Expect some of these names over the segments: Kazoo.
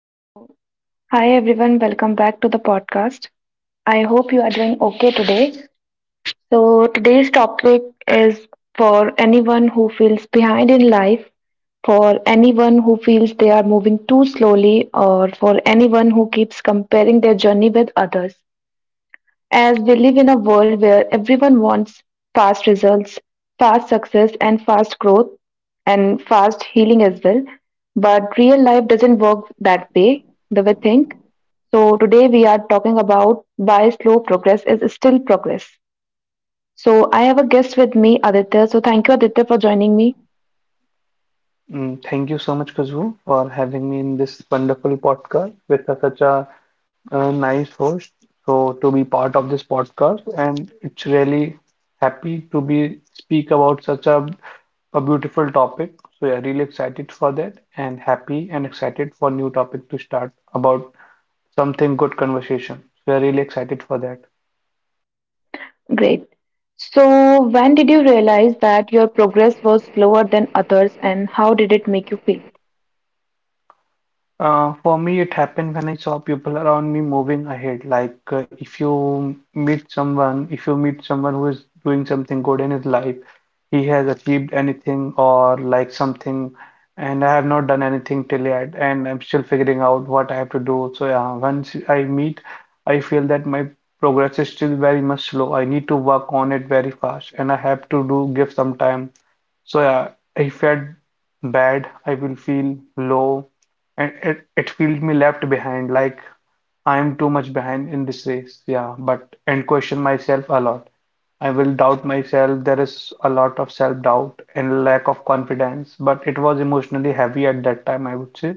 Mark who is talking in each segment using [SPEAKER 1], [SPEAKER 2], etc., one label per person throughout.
[SPEAKER 1] So, hi everyone, welcome back to the podcast. I hope you are doing okay today. So, today's topic is for anyone who feels behind in life, for anyone who feels they are moving too slowly, or for anyone who keeps comparing their journey with others. As we live in a world where everyone wants fast results, fast success, and fast growth, and fast healing as well. But real life doesn't work that way, the way we think. So, today we are talking about why slow progress is still progress. So, I have a guest with me, Aditya. So, thank you, Aditya, for joining me.
[SPEAKER 2] Mm, thank you so much, Kazoo, for having me in this wonderful podcast with such a, nice host. So to be part of this podcast, and it's really happy to be speak about such a beautiful topic. So yeah, really excited for that, and happy and excited for new topic to start about something good conversation. So yeah, really excited for that.
[SPEAKER 1] Great. So, when did you realize that your progress was slower than others, and how did it make you feel?
[SPEAKER 2] For me, it happened when I saw people around me moving ahead. Like if you meet someone, if you meet someone who is doing something good in his life, he has achieved anything or like something, and I have not done anything till yet, and I'm still figuring out what I have to do. So yeah, once I meet, I feel that my progress is still very much slow. I need to work on it very fast, and I have to do give some time so yeah, I felt bad. I will feel low, and it feel me left behind. Like I'm too much behind in this race, yeah, but and question myself a lot. I will doubt myself. There is a lot of self-doubt and lack of confidence, but it was emotionally heavy at that time, I would say.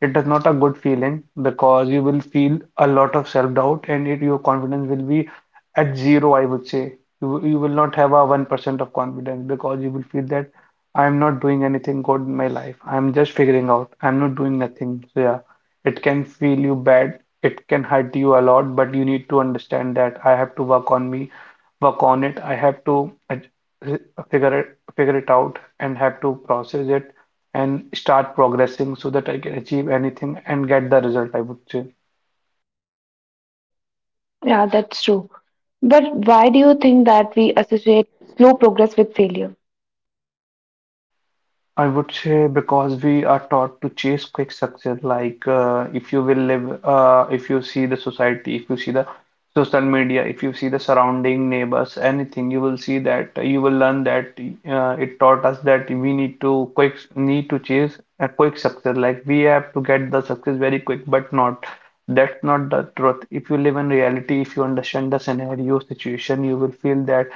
[SPEAKER 2] It is not a good feeling because you will feel a lot of self-doubt and it, your confidence will be at zero, I would say. You will not have a 1% of confidence because you will feel that I'm not doing anything good in my life. I'm just figuring out. I'm not doing nothing. So yeah, it can feel you bad it can hurt you a lot but you need to understand that I have to work on me work on it I have to figure it out and have to process it and start progressing so that I can achieve anything and get the result I would say.
[SPEAKER 1] Yeah, that's true. But why do you think that we associate slow progress with failure?
[SPEAKER 2] I would say because we are taught to chase quick success, like if you will live, if you see the society, if you see the social media, if you see the surrounding neighbors, anything, you will see that you will learn that it taught us that we need to quick need to chase a quick success, like we have to get the success very quick, but not. That's not the truth. If you live in reality, if you understand the scenario, situation, you will feel that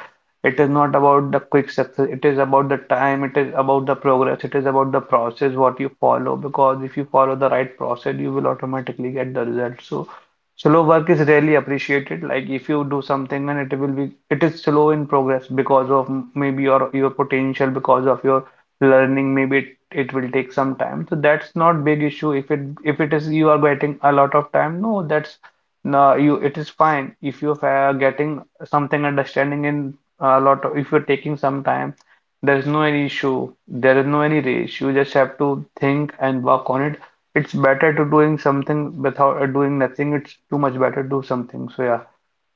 [SPEAKER 2] it is not about the quick success, it is about the time, it is about the progress, it is about the process what you follow because if you follow the right process, you will automatically get the result. So slow work is rarely appreciated. Like if you do something and it will be it is slow in progress because of maybe your potential, because of your learning, maybe it, it will take some time. So that's not big issue. If it is you are getting a lot of time, no, that's no, you it is fine if you are getting something understanding in a lot of, if you're taking some time, there's no any issue. There is no any race. You just have to think and work on it. It's better to doing something without doing nothing. It's too much better to do something. So yeah.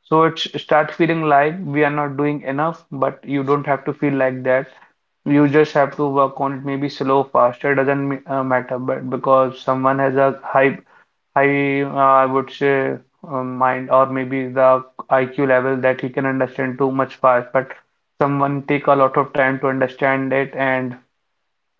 [SPEAKER 2] So it's start feeling like we are not doing enough, but you don't have to feel like that. You just have to work on it, maybe slow, faster, doesn't matter, but because someone has a high, I would say, mind or maybe the IQ level that he can understand too much fast. But someone take a lot of time to understand it, and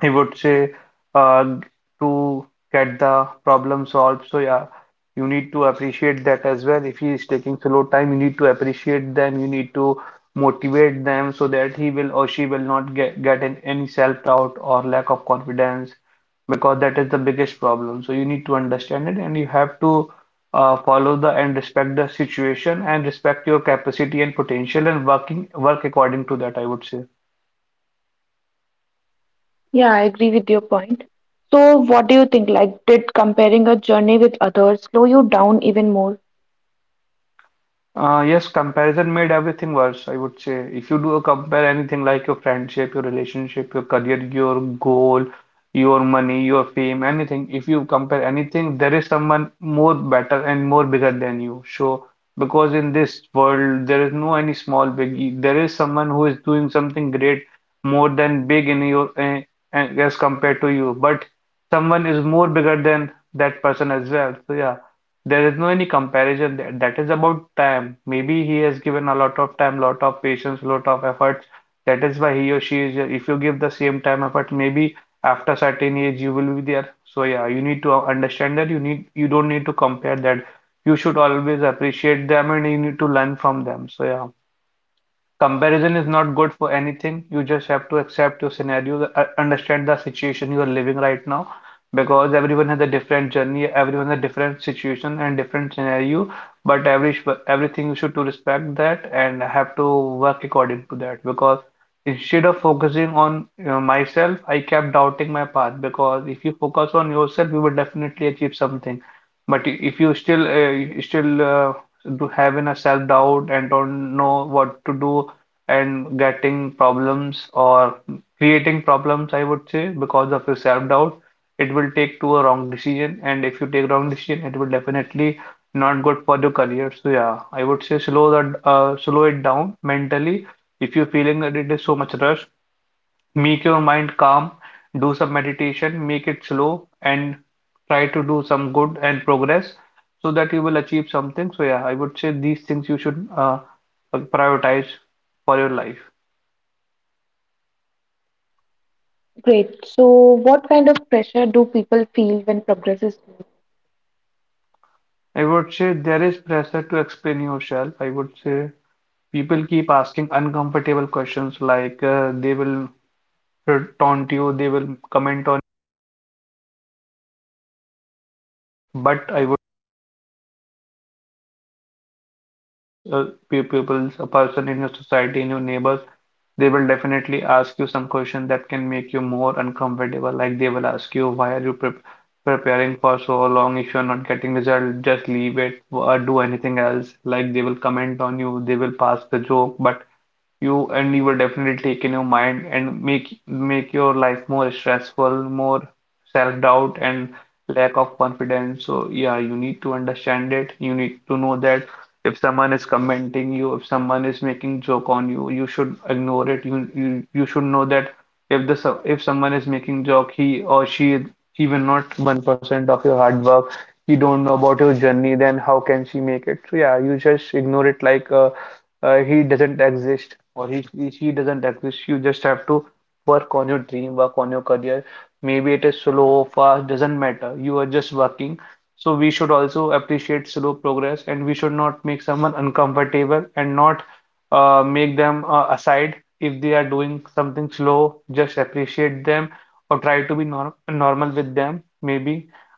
[SPEAKER 2] I would say uh, to get the problem solved. So yeah, you need to appreciate that as well. If he is taking slow time, you need to appreciate them. You need to motivate them so that he will or she will not get in any self-doubt or lack of confidence because that is the biggest problem. So you need to understand it and you have to follow the and respect the situation and respect your capacity and potential and working work according to that, I would say.
[SPEAKER 1] Yeah, I agree with your point. So, what do you think? Like, did comparing a journey with others slow you down even more?
[SPEAKER 2] Yes, comparison made everything worse, I would say. If you do compare anything like your friendship, your relationship, your career, your goal, your money, your fame, anything, if you compare anything, there is someone more better and more bigger than you. So, because in this world, there is no any small big, there is someone who is doing something great more than big in your, as compared to you. But someone is more bigger than that person as well. So, yeah. There is no any comparison there. That is about time. Maybe he has given a lot of time, lot of patience, lot of efforts. That is why he or she is here. If you give the same time effort, maybe after certain age you will be there. So yeah, you need to understand that you need you don't need to compare that. You should always appreciate them and you need to learn from them. So yeah. Comparison is not good for anything. You just have to accept your scenario, understand the situation you are living right now, because everyone has a different journey, everyone has a different situation and different scenario. But every everything you should to respect that and have to work according to that. Because instead of focusing on you know, myself, I kept doubting my path. Because if you focus on yourself, you will definitely achieve something. But if you still do having a self doubt and don't know what to do and getting problems or creating problems, I would say, because of your self-doubt, it will take to a wrong decision. And if you take wrong decision, it will definitely not good for your career. So yeah, I would say slow it down mentally. If you're feeling that it is so much rush, make your mind calm, do some meditation, make it slow, and try to do some good and progress so that you will achieve something. So yeah, I would say these things you should prioritize for your life.
[SPEAKER 1] Great. So, what kind of pressure do people feel when progress is slow?
[SPEAKER 2] I would say there is pressure to explain yourself. I would say people keep asking uncomfortable questions like they will taunt you, they will comment on. But I would people, a person in your society, in your neighbors, they will definitely ask you some question that can make you more uncomfortable. Like they will ask you, why are you preparing for so long? If you're not getting result, just leave it or do anything else. Like they will comment on you, they will pass the joke, but you and you will definitely take in your mind and make your life more stressful, more self-doubt and lack of confidence. So yeah, you need to understand it. You need to know that if someone is commenting you, if someone is making joke on you, you should ignore it. You should know that if if someone is making joke, he or she is even not 1% of your hard work. You don't know about your journey, then how can she make it? So yeah, you just ignore it like he doesn't exist or she doesn't exist. You just have to work on your dream, work on your career. Maybe it is slow, fast, doesn't matter. You are just working. So we should also appreciate slow progress, and we should not make someone uncomfortable and not make them aside if they are doing something slow. Just appreciate them or try to be normal with them. Maybe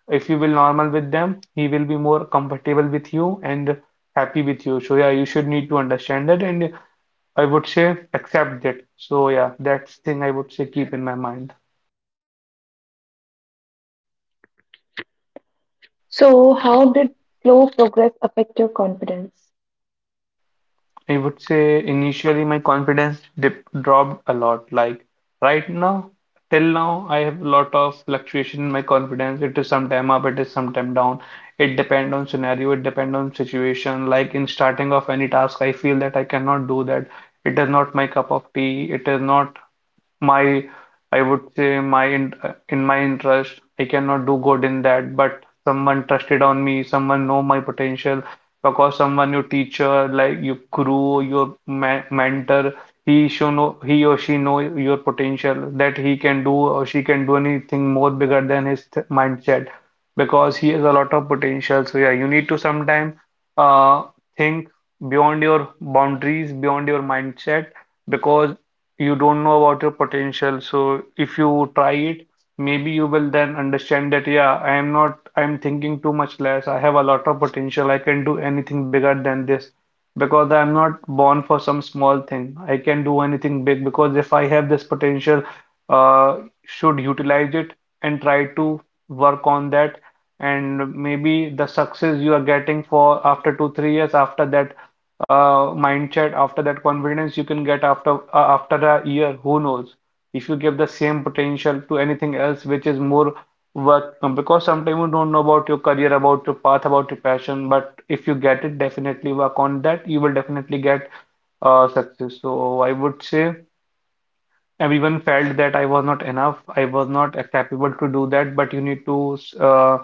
[SPEAKER 2] if you will normal with them, he will be more comfortable with you and happy with you. So yeah, you should need to understand that and I would say accept that. So yeah, that's thing I would say keep in my mind.
[SPEAKER 1] So, how did slow progress affect your confidence?
[SPEAKER 2] I would say initially my confidence dip dropped a lot. Like right now, till now, I have a lot of fluctuation in my confidence. It is sometime up, it is sometime down. It depend on scenario, it depend on situation. Like in starting of any task, I feel that I cannot do that. It is not my cup of tea. It is not my I would say, in my interest, I cannot do good in that, but someone trusted on me, someone know my potential. Because someone, your teacher, like your guru, your ma mentor, he or she know your potential, that he can do or she can do anything more bigger than his th mindset because he has a lot of potential. So yeah, you need to sometime uh think beyond your boundaries, beyond your mindset, because you don't know about your potential. So if you try it, maybe you will then understand that, yeah, I am not I'm thinking too much less, I have a lot of potential, I can do anything bigger than this. Because I'm not born for some small thing, I can do anything big, because if I have this potential, uh should utilize it and try to work on that. And maybe the success you are getting for after 2 3 years, after that mindset, after that confidence, you can get after after a year, who knows? If you give the same potential to anything else which is more work, because sometimes you don't know about your career, about your path, about your passion, but if you get it, definitely work on that, you will definitely get success. So I would say everyone felt that I was not enough, I was not capable to do that, but you need to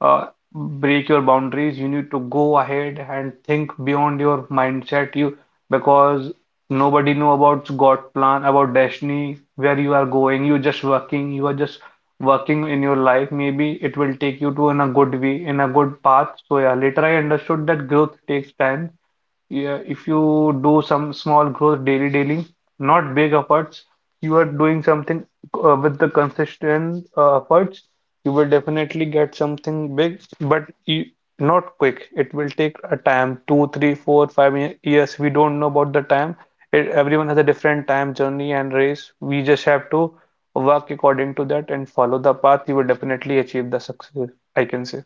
[SPEAKER 2] uh, break your boundaries, you need to go ahead and think beyond your mindset, you, because nobody know about God plan, about destiny, where you are going. You just working, you are just working in your life, maybe it will take you to in a good way, in a good path. So yeah, later I understood that growth takes time. Yeah, if you do some small growth daily, daily, not big efforts, you are doing something with the consistent efforts, you will definitely get something big, but you, not quick. It will take a time, two, three, four, years. We don't know about the time. It, everyone has a different time journey and race. We just have to work according to that and follow the path. You will definitely achieve the success, I can say.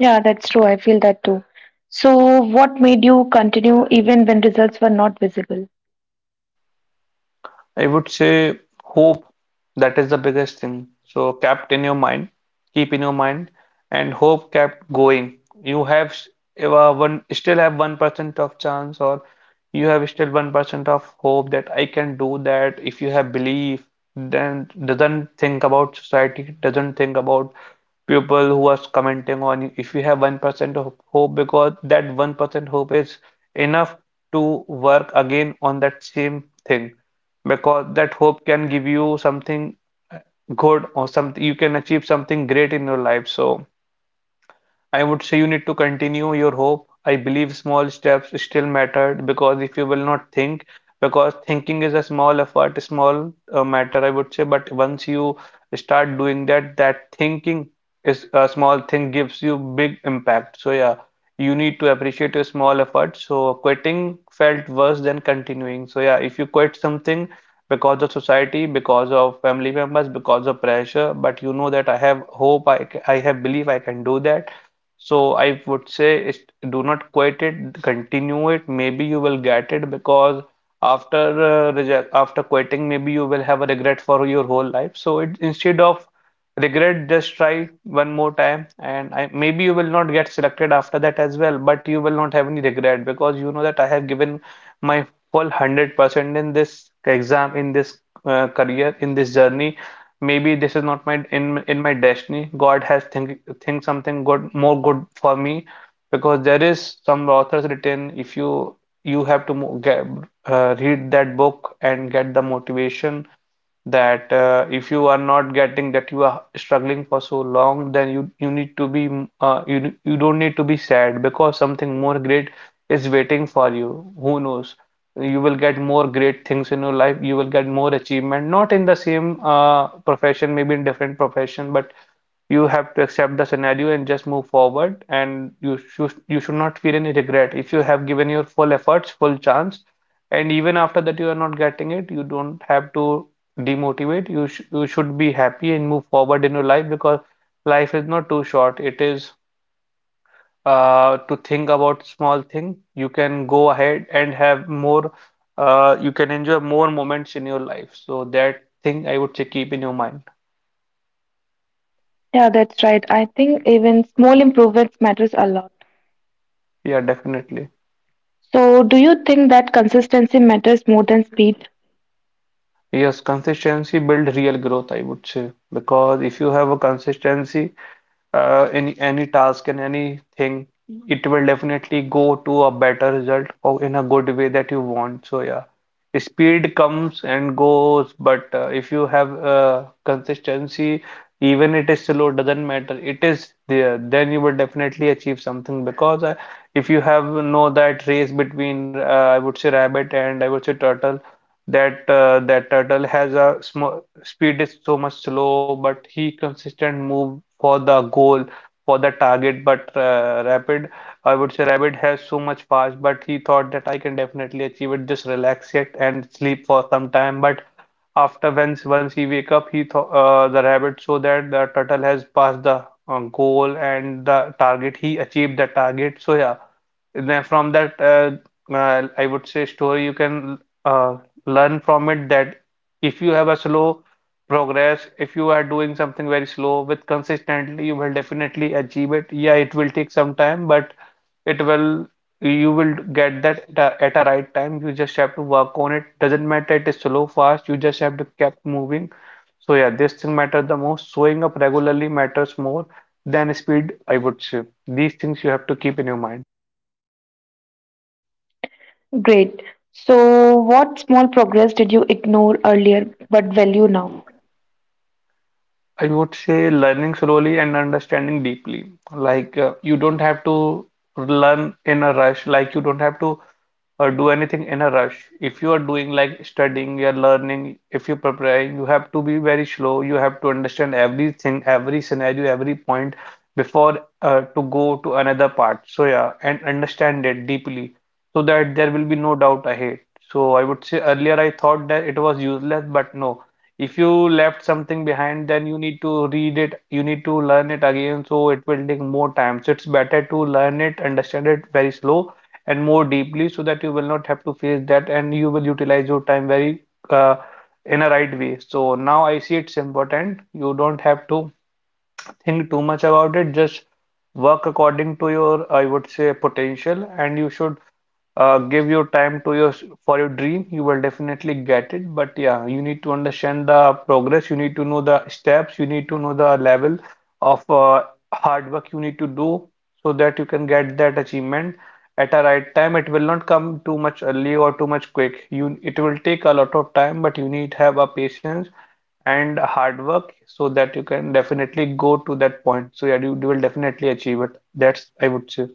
[SPEAKER 1] Yeah, that's true. I feel that too. So, what made you continue even when results were not visible?
[SPEAKER 2] I would say hope. That is the biggest thing. So kept in your mind, keep in your mind, and hope kept going. You have s- One still have 1% of chance, or you have still 1% of hope that I can do that. If you have belief, then doesn't think about society, doesn't think about people who are commenting on you. If you have 1% of hope, because that 1% hope is enough to work again on that same thing, because that hope can give you something good, or something, you can achieve something great in your life. So I would say you need to continue your hope. I believe small steps still matter, because if you will not think, because thinking is a small effort, a small matter, I would say. But once you start doing that, that thinking is a small thing, gives you big impact. So yeah, you need to appreciate your small efforts. So quitting felt worse than continuing. So yeah, if you quit something because of society, because of family members, because of pressure, but you know that I have hope, I have belief I can do that, so I would say is, do not quit it, continue it. Maybe you will get it, because after reject, after quitting, maybe you will have a regret for your whole life. So it, instead of regret, just try one more time, and I, maybe you will not get selected after that as well. But you will not have any regret because you know that I have given my full 100% in this exam, in this career, in this journey. Maybe this is not my in my destiny. God has think something good, more good for me, because there is some authors written. If you, you have to get, read that book and get the motivation, that if you are not getting that, you are struggling for so long, then you need to be you, you don't need to be sad, because something more great is waiting for you. Who knows, you will get more great things in your life, you will get more achievement, not in the same profession, maybe in different profession. But you have to accept the scenario and just move forward, and you should not feel any regret if you have given your full efforts, full chance. And even after that you are not getting it, you don't have to demotivate you, sh you should be happy and move forward in your life, because life is not too short. It is to think about small thing, you can go ahead and have more, you can enjoy more moments in your life. So that thing, I would say, keep in your mind.
[SPEAKER 1] Yeah, that's right. I think even small improvements matters a lot.
[SPEAKER 2] Yeah, definitely.
[SPEAKER 1] So, do you think that consistency matters more than speed?
[SPEAKER 2] Yes, consistency build real growth, I would say. Because if you have a consistency, in any task and anything, it will definitely go to a better result or in a good way that you want. So yeah, speed comes and goes, but if you have consistency, even it is slow, doesn't matter. It is there, then you will definitely achieve something, because if you have know that race between I would say rabbit and I would say turtle, that that turtle has a small speed, is so much slow, but he consistent move for the goal, for the target. But Rapid, I would say Rapid has so much fast, but he thought that I can definitely achieve it, just relax it and sleep for some time. But after, once he wake up, he thought, the Rabbit, so that the turtle has passed the goal and the target. He achieved the target. So yeah, then from that I would say story, you can uh, learn from it, that if you have a slow progress. If you are doing something very slow with consistently, you will definitely achieve it. Yeah, it will take some time, but it will, you will get that at a right time. You just have to work on it. Doesn't matter it is slow, fast, you just have to keep moving. So yeah, this thing matters the most. Showing up regularly matters more than speed, I would say. These things you have to keep in your mind.
[SPEAKER 1] Great. So, what small progress did you ignore earlier but value now?
[SPEAKER 2] I would say learning slowly and understanding deeply. Like you don't have to learn in a rush. Like you don't have to do anything in a rush. If you are doing like studying, you're learning, if you're preparing, you have to be very slow. You have to understand everything, every scenario, every point, before to go to another part. So yeah, and understand it deeply so that there will be no doubt ahead. So I would say earlier I thought that it was useless, but no. If you left something behind, then you need to read it, you need to learn it again, so it will take more time. So it's better to learn it, understand it very slow and more deeply, so that you will not have to face that and you will utilize your time very uh, in a right way. So now I see it's important. You don't have to think too much about it, just work according to your, I would say, potential. And you should give your time to your, for your dream, you will definitely get it. But yeah, you need to understand the progress, you need to know the steps, you need to know the level of hard work you need to do so that you can get that achievement at a right time. It will not come too much early or too much quick. You, it will take a lot of time, but you need have a patience and hard work so that you can definitely go to that point. So yeah, you will definitely achieve it, that's, I would say.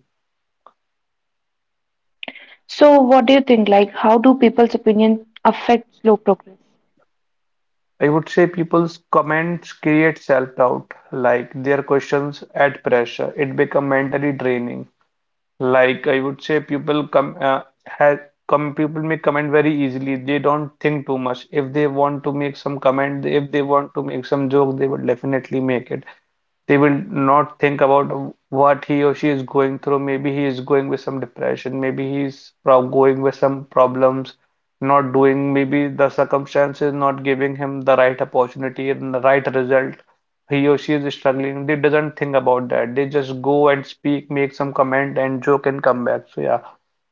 [SPEAKER 1] So, what do you think? Like, how do people's opinion affect slow progress?
[SPEAKER 2] I would say people's comments create self-doubt, like their questions add pressure. It become mentally draining. Like I would say, people come, people make comment very easily. They don't think too much. If they want to make some comment, if they want to make some joke, they will definitely make it. They will not think about what he or she is going through. Maybe he is going with some depression. Maybe he is prob going with some problems, not doing. Maybe the circumstances not giving him the right opportunity and the right result, he or she is struggling, they doesn't think about that. They just go and speak, make some comment, and joke and come back. So yeah,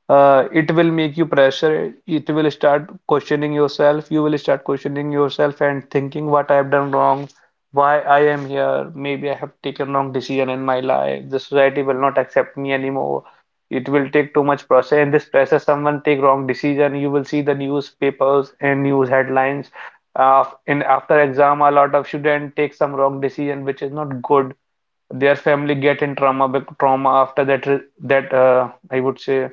[SPEAKER 2] it will make you pressure. It will start questioning yourself. You will start questioning yourself and thinking what I have done wrong, why I am here. Maybe I have taken wrong decision in my life. The society will not accept me anymore. It will take too much process. And this process, someone take wrong decision. You will see the newspapers and news headlines in after exam a lot of student take some wrong decision which is not good. Their family get in trauma trauma after that I would say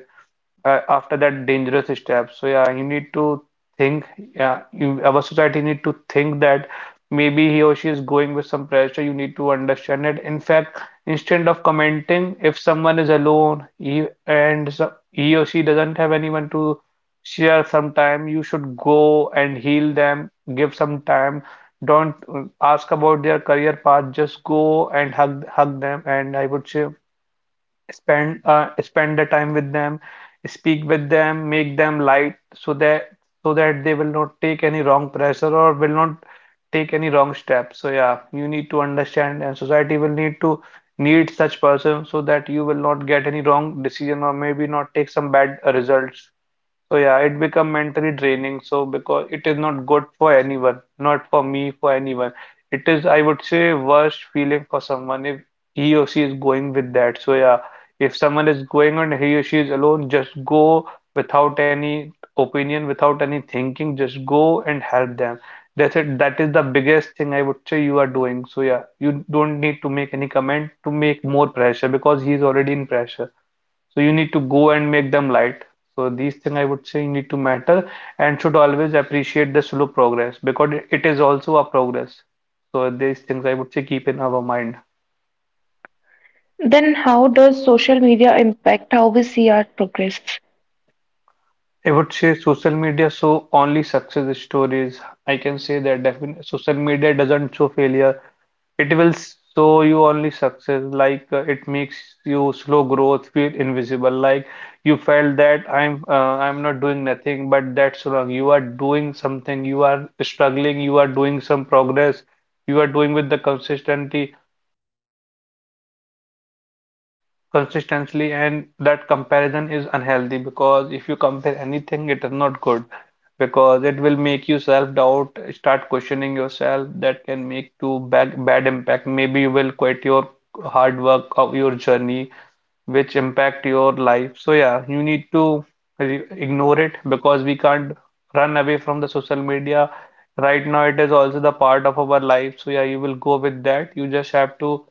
[SPEAKER 2] after that dangerous step. So yeah, you need to think. Yeah, you, our society need to think that maybe he or she is going with some pressure. You need to understand it. In fact, instead of commenting, if someone is alone, he or she doesn't have anyone to share some time, you should go and heal them. Give some time. Don't ask about their career path. Just go and hug them. And I would say spend the time with them, speak with them, make them light so that so that they will not take any wrong pressure or will not take any wrong step. So yeah, you need to understand, and society will need to need such person so that you will not get any wrong decision or maybe not take some bad results. So yeah, it become mentally draining. So because it is not good for anyone, not for me, for anyone. It is, I would say, worst feeling for someone if he or she is going with that. So yeah, if someone is going and he or she is alone, just go without any opinion, without any thinking. Just go and help them. That's it. That is the biggest thing I would say you are doing. So yeah, you don't need to make any comment to make more pressure because he is already in pressure. So you need to go and make them light. So these things I would say need to matter, and should always appreciate the slow progress because it is also a progress. So these things I would say keep in our mind.
[SPEAKER 1] Then, how does social media impact how we see our progress?
[SPEAKER 2] I would say social media show only success stories. I can say that definitely social media doesn't show failure. It will show you only success, like it makes you slow growth, feel invisible, like you felt that I'm not doing nothing, but that's wrong. You are doing something, you are struggling, you are doing some progress, you are doing with the consistency, consistently. And that comparison is unhealthy because if you compare anything it is not good, because it will make you self-doubt, start questioning yourself, that can make to bad impact. Maybe you will quit your hard work of your journey which impact your life. So yeah, you need to ignore it because we can't run away from the social media. Right now it is also the part of our life, so yeah, you will go with that. You just have to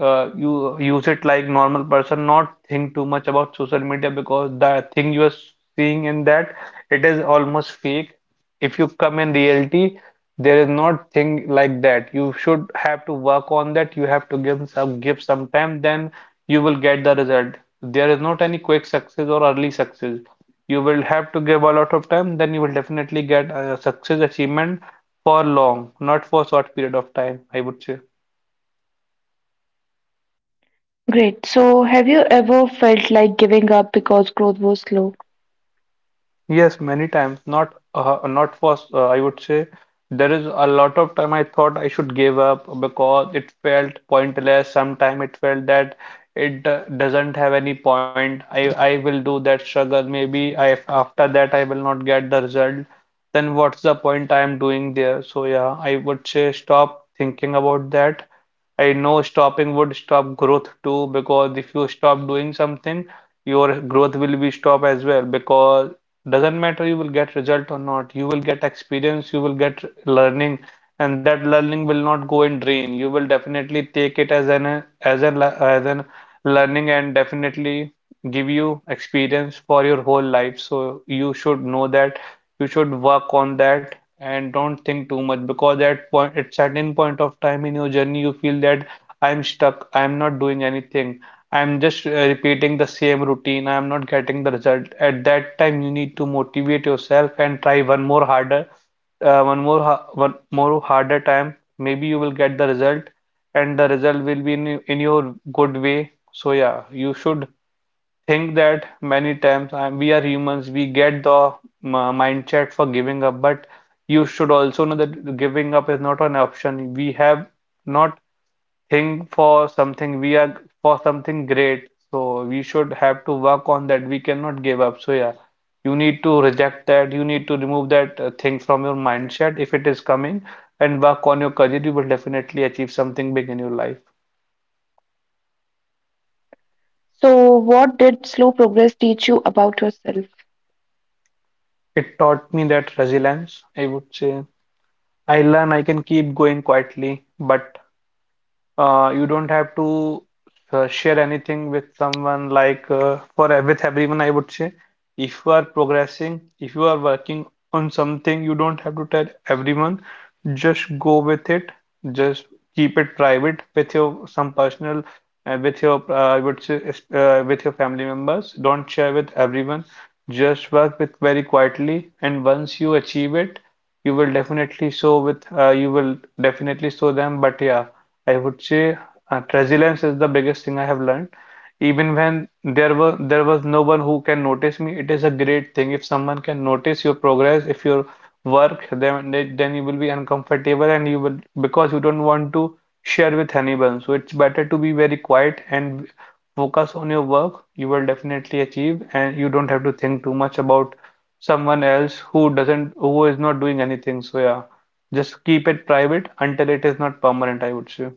[SPEAKER 2] you use it like normal person, not think too much about social media because the thing you are seeing in that, it is almost fake. If you come in reality, there is not thing like that. You should have to work on that. You have to give some time, then you will get the result. There is not any quick success or early success. You will have to give a lot of time, then you will definitely get a success achievement for long, not for short period of time, I would say.
[SPEAKER 1] Great. So, have you ever felt like giving up because growth was slow?
[SPEAKER 2] Yes, many times. Not not for I would say there is a lot of time I thought I should give up because it felt pointless. Sometime it felt that it doesn't have any point. I will do that struggle. Maybe I after that I will not get the result. Then what's the point I am doing there? So yeah, I would say stop thinking about that. I know stopping would stop growth too because if you stop doing something, your growth will be stopped as well, because doesn't matter you will get result or not. You will get experience, you will get learning, and that learning will not go in drain. You will definitely take it as an as an as an learning, and definitely give you experience for your whole life. So you should know that you should work on that and don't think too much because at certain point of time in your journey you feel that I'm stuck, I'm not doing anything. I'm just repeating the same routine. I'm not getting the result. At that time, you need to motivate yourself and try one more harder, one more harder time. Maybe you will get the result, and the result will be in your good way. So yeah, you should think that many times. We are humans. We get the mindset for giving up, but you should also know that giving up is not an option. We have not think for something, we are for something great, so we should have to work on that, we cannot give up. So yeah, you need to reject that, you need to remove that thing from your mindset if it is coming, and work on your career. You will definitely achieve something big in your life.
[SPEAKER 1] So, what did slow progress teach you about yourself?
[SPEAKER 2] It taught me that resilience, I would say. I learn I can keep going quietly, but you don't have to share anything with someone, like with everyone, I would say. If you are progressing, if you are working on something, you don't have to tell everyone. Just go with it. Just keep it private with your some personal, with your I would say with your family members. Don't share with everyone. Just work with very quietly, and once you achieve it, you will definitely show with you will definitely show them. But yeah. I would say resilience is the biggest thing I have learned. Even when there was no one who can notice me, it is a great thing. If someone can notice your progress, if your work, then then you will be uncomfortable, and you will, because you don't want to share with anyone. So it's better to be very quiet and focus on your work. You will definitely achieve, and you don't have to think too much about someone else who is not doing anything. So yeah, just keep it private until it is not permanent, I would say.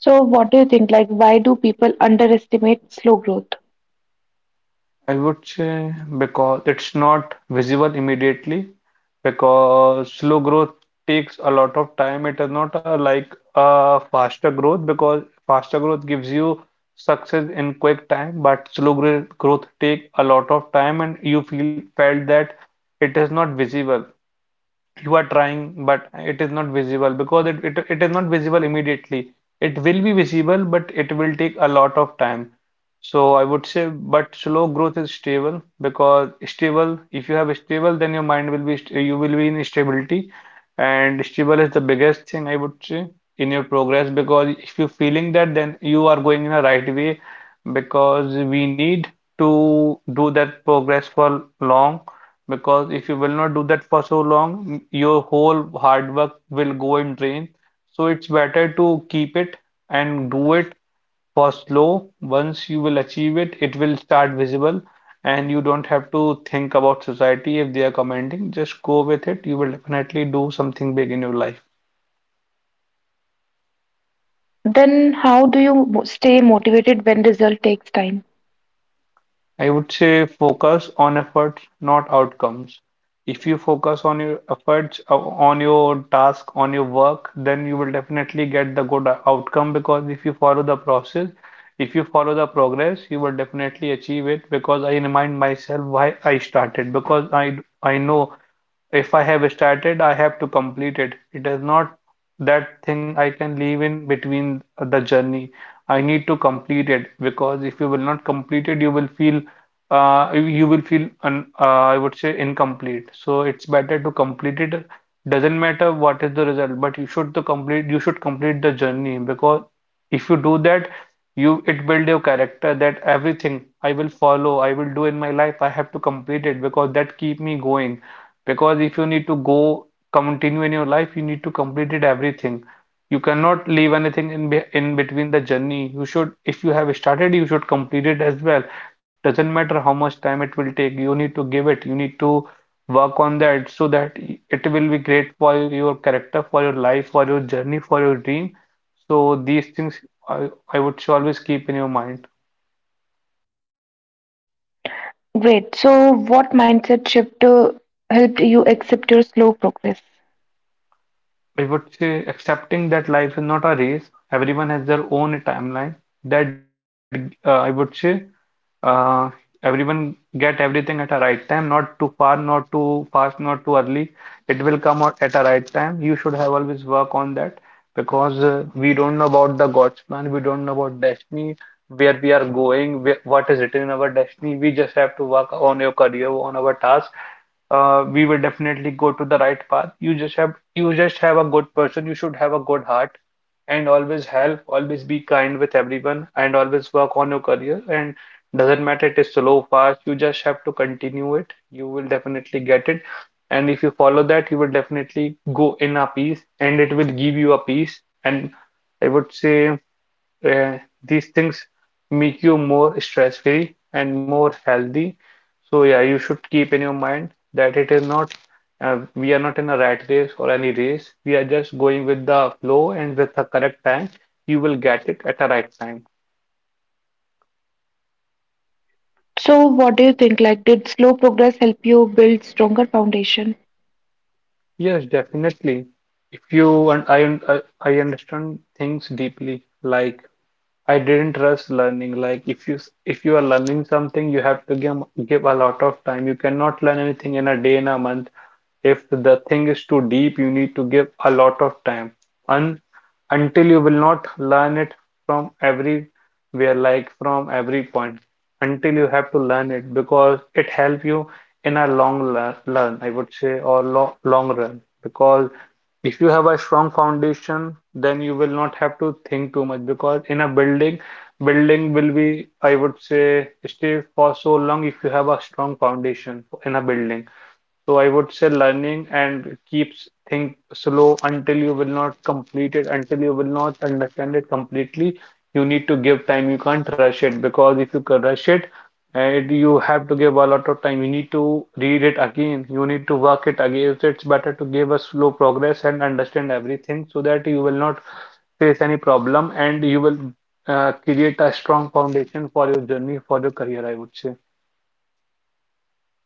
[SPEAKER 1] So, what do you think? Like, why do people underestimate slow growth?
[SPEAKER 2] I would say because it's not visible immediately, because slow growth takes a lot of time. It is not a, like a faster growth, because faster growth gives you success in quick time, but slow growth take a lot of time, and you feel felt that it is not visible, you are trying but it is not visible because it is not visible immediately. It will be visible, but it will take a lot of time. So I would say, but slow growth is stable because stable, if you have stable then your mind will be you will be in stability. And stable is the biggest thing I would say in your progress, because if you're feeling that then you are going in a right way, because we need to do that progress for long, because if you will not do that for so long, your whole hard work will go in drain. So it's better to keep it and do it for slow. Once you will achieve it, it will start visible, and you don't have to think about society if they are commenting. Just go with it. You will definitely do something big in your life.
[SPEAKER 1] Then how do you stay motivated when result takes time?
[SPEAKER 2] I would say focus on efforts, not outcomes. If you focus on your efforts, on your task, on your work, then you will definitely get the good outcome, because if you follow the process, if you follow the progress, you will definitely achieve it, because I remind myself why I started, because I know if I have started, I have to complete it. It is not that thing I can leave in between the journey. I need to complete it, because if you will not complete it, you will feel you will feel I would say incomplete. So it's better to complete it. Doesn't matter what is the result, but you should complete the journey, because if you do that, you it build your character, that everything I will follow, I will do in my life, I have to complete it, because that keep me going. Because if you need to go continue in your life, you need to complete it everything. You cannot leave anything in between the journey. You should, if you have started, you should complete it as well. Doesn't matter how much time it will take, you need to give it, you need to work on that so that it will be great for your character, for your life, for your journey, for your dream. So these things I would say always keep in your mind.
[SPEAKER 1] Great. So what mindset shift helped you accept your slow progress?
[SPEAKER 2] I would say accepting that life is not a race, everyone has their own timeline. That I would say uh, everyone get everything at a right time, not too far, not too fast, not too early. It will come out at a right time. You should have always work on that because we don't know about the God's plan, we don't know about destiny, where we are going, where, what is written in our destiny. We just have to work on your career, on our task, we will definitely go to the right path. You just have a good person. You should have a good heart, and always help. Always be kind with everyone, and always work on your career. And doesn't matter it is slow, fast. You just have to continue it. You will definitely get it. And if you follow that, you will definitely go in a peace, and it will give you a peace. And I would say uh, these things make you more stress-free and more healthy. So yeah, you should keep in your mind that it is not we are not in a rat race or any race. We are just going with the flow and with the correct time, you will get it at the right time.
[SPEAKER 1] So what do you think? Like, did slow progress help you build stronger foundation?
[SPEAKER 2] Yes, definitely. If you and I un- I understand things deeply, like I didn't trust learning. Like if you are learning something, you have to give a lot of time. You cannot learn anything in a day, in a month. If the thing is too deep, you need to give a lot of time. Un Until you will not learn it from everywhere, like from every point. Until you have to learn it because it help you in a learn, I would say, or lo long run. Because if you have a strong foundation, then you will not have to think too much because building will be, I would say, stay for so long if you have a strong foundation in a building. So I would say learning and keeps think slow until you will not complete it, until you will not understand it completely. You need to give time. You can't rush it because if you ca- rush it, and you have to give a lot of time. You need to read it again. You need to work it again. So it's better to give a slow progress and understand everything so that you will not face any problem and you will create a strong foundation for your journey, for your career, I would say.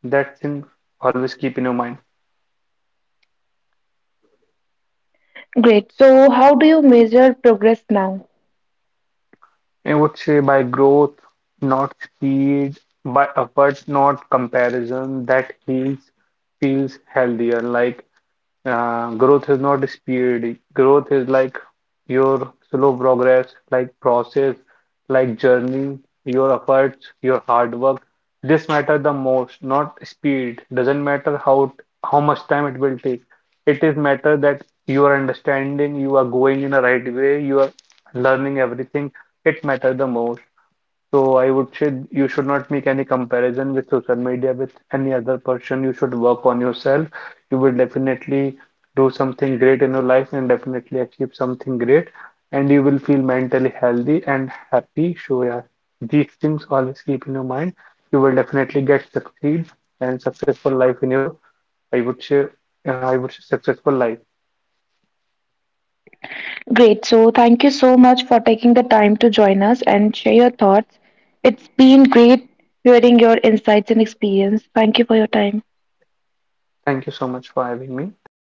[SPEAKER 2] That thing always keep in your mind.
[SPEAKER 1] Great. So how do you measure progress now?
[SPEAKER 2] I would say by growth, not speed, by effort, not comparison, that feels healthier. Like growth is not speed. Growth is like your slow progress, like process, like journey, your efforts, your hard work. This matter the most, not speed. Doesn't matter how much time it will take. It is matter that you are understanding, you are going in the right way, you are learning everything. It matter the most. So I would say you should not make any comparison with social media with any other person. You should work on yourself. You will definitely do something great in your life and definitely achieve something great. And you will feel mentally healthy and happy. So yeah, these things always keep in your mind. You will definitely get succeed and successful life in your, I would say, I would say successful life.
[SPEAKER 1] Great. So thank you so much for taking the time to join us and share your thoughts. It's been great hearing your insights and experience. Thank you for your time.
[SPEAKER 2] Thank you so much for having me. Thank you.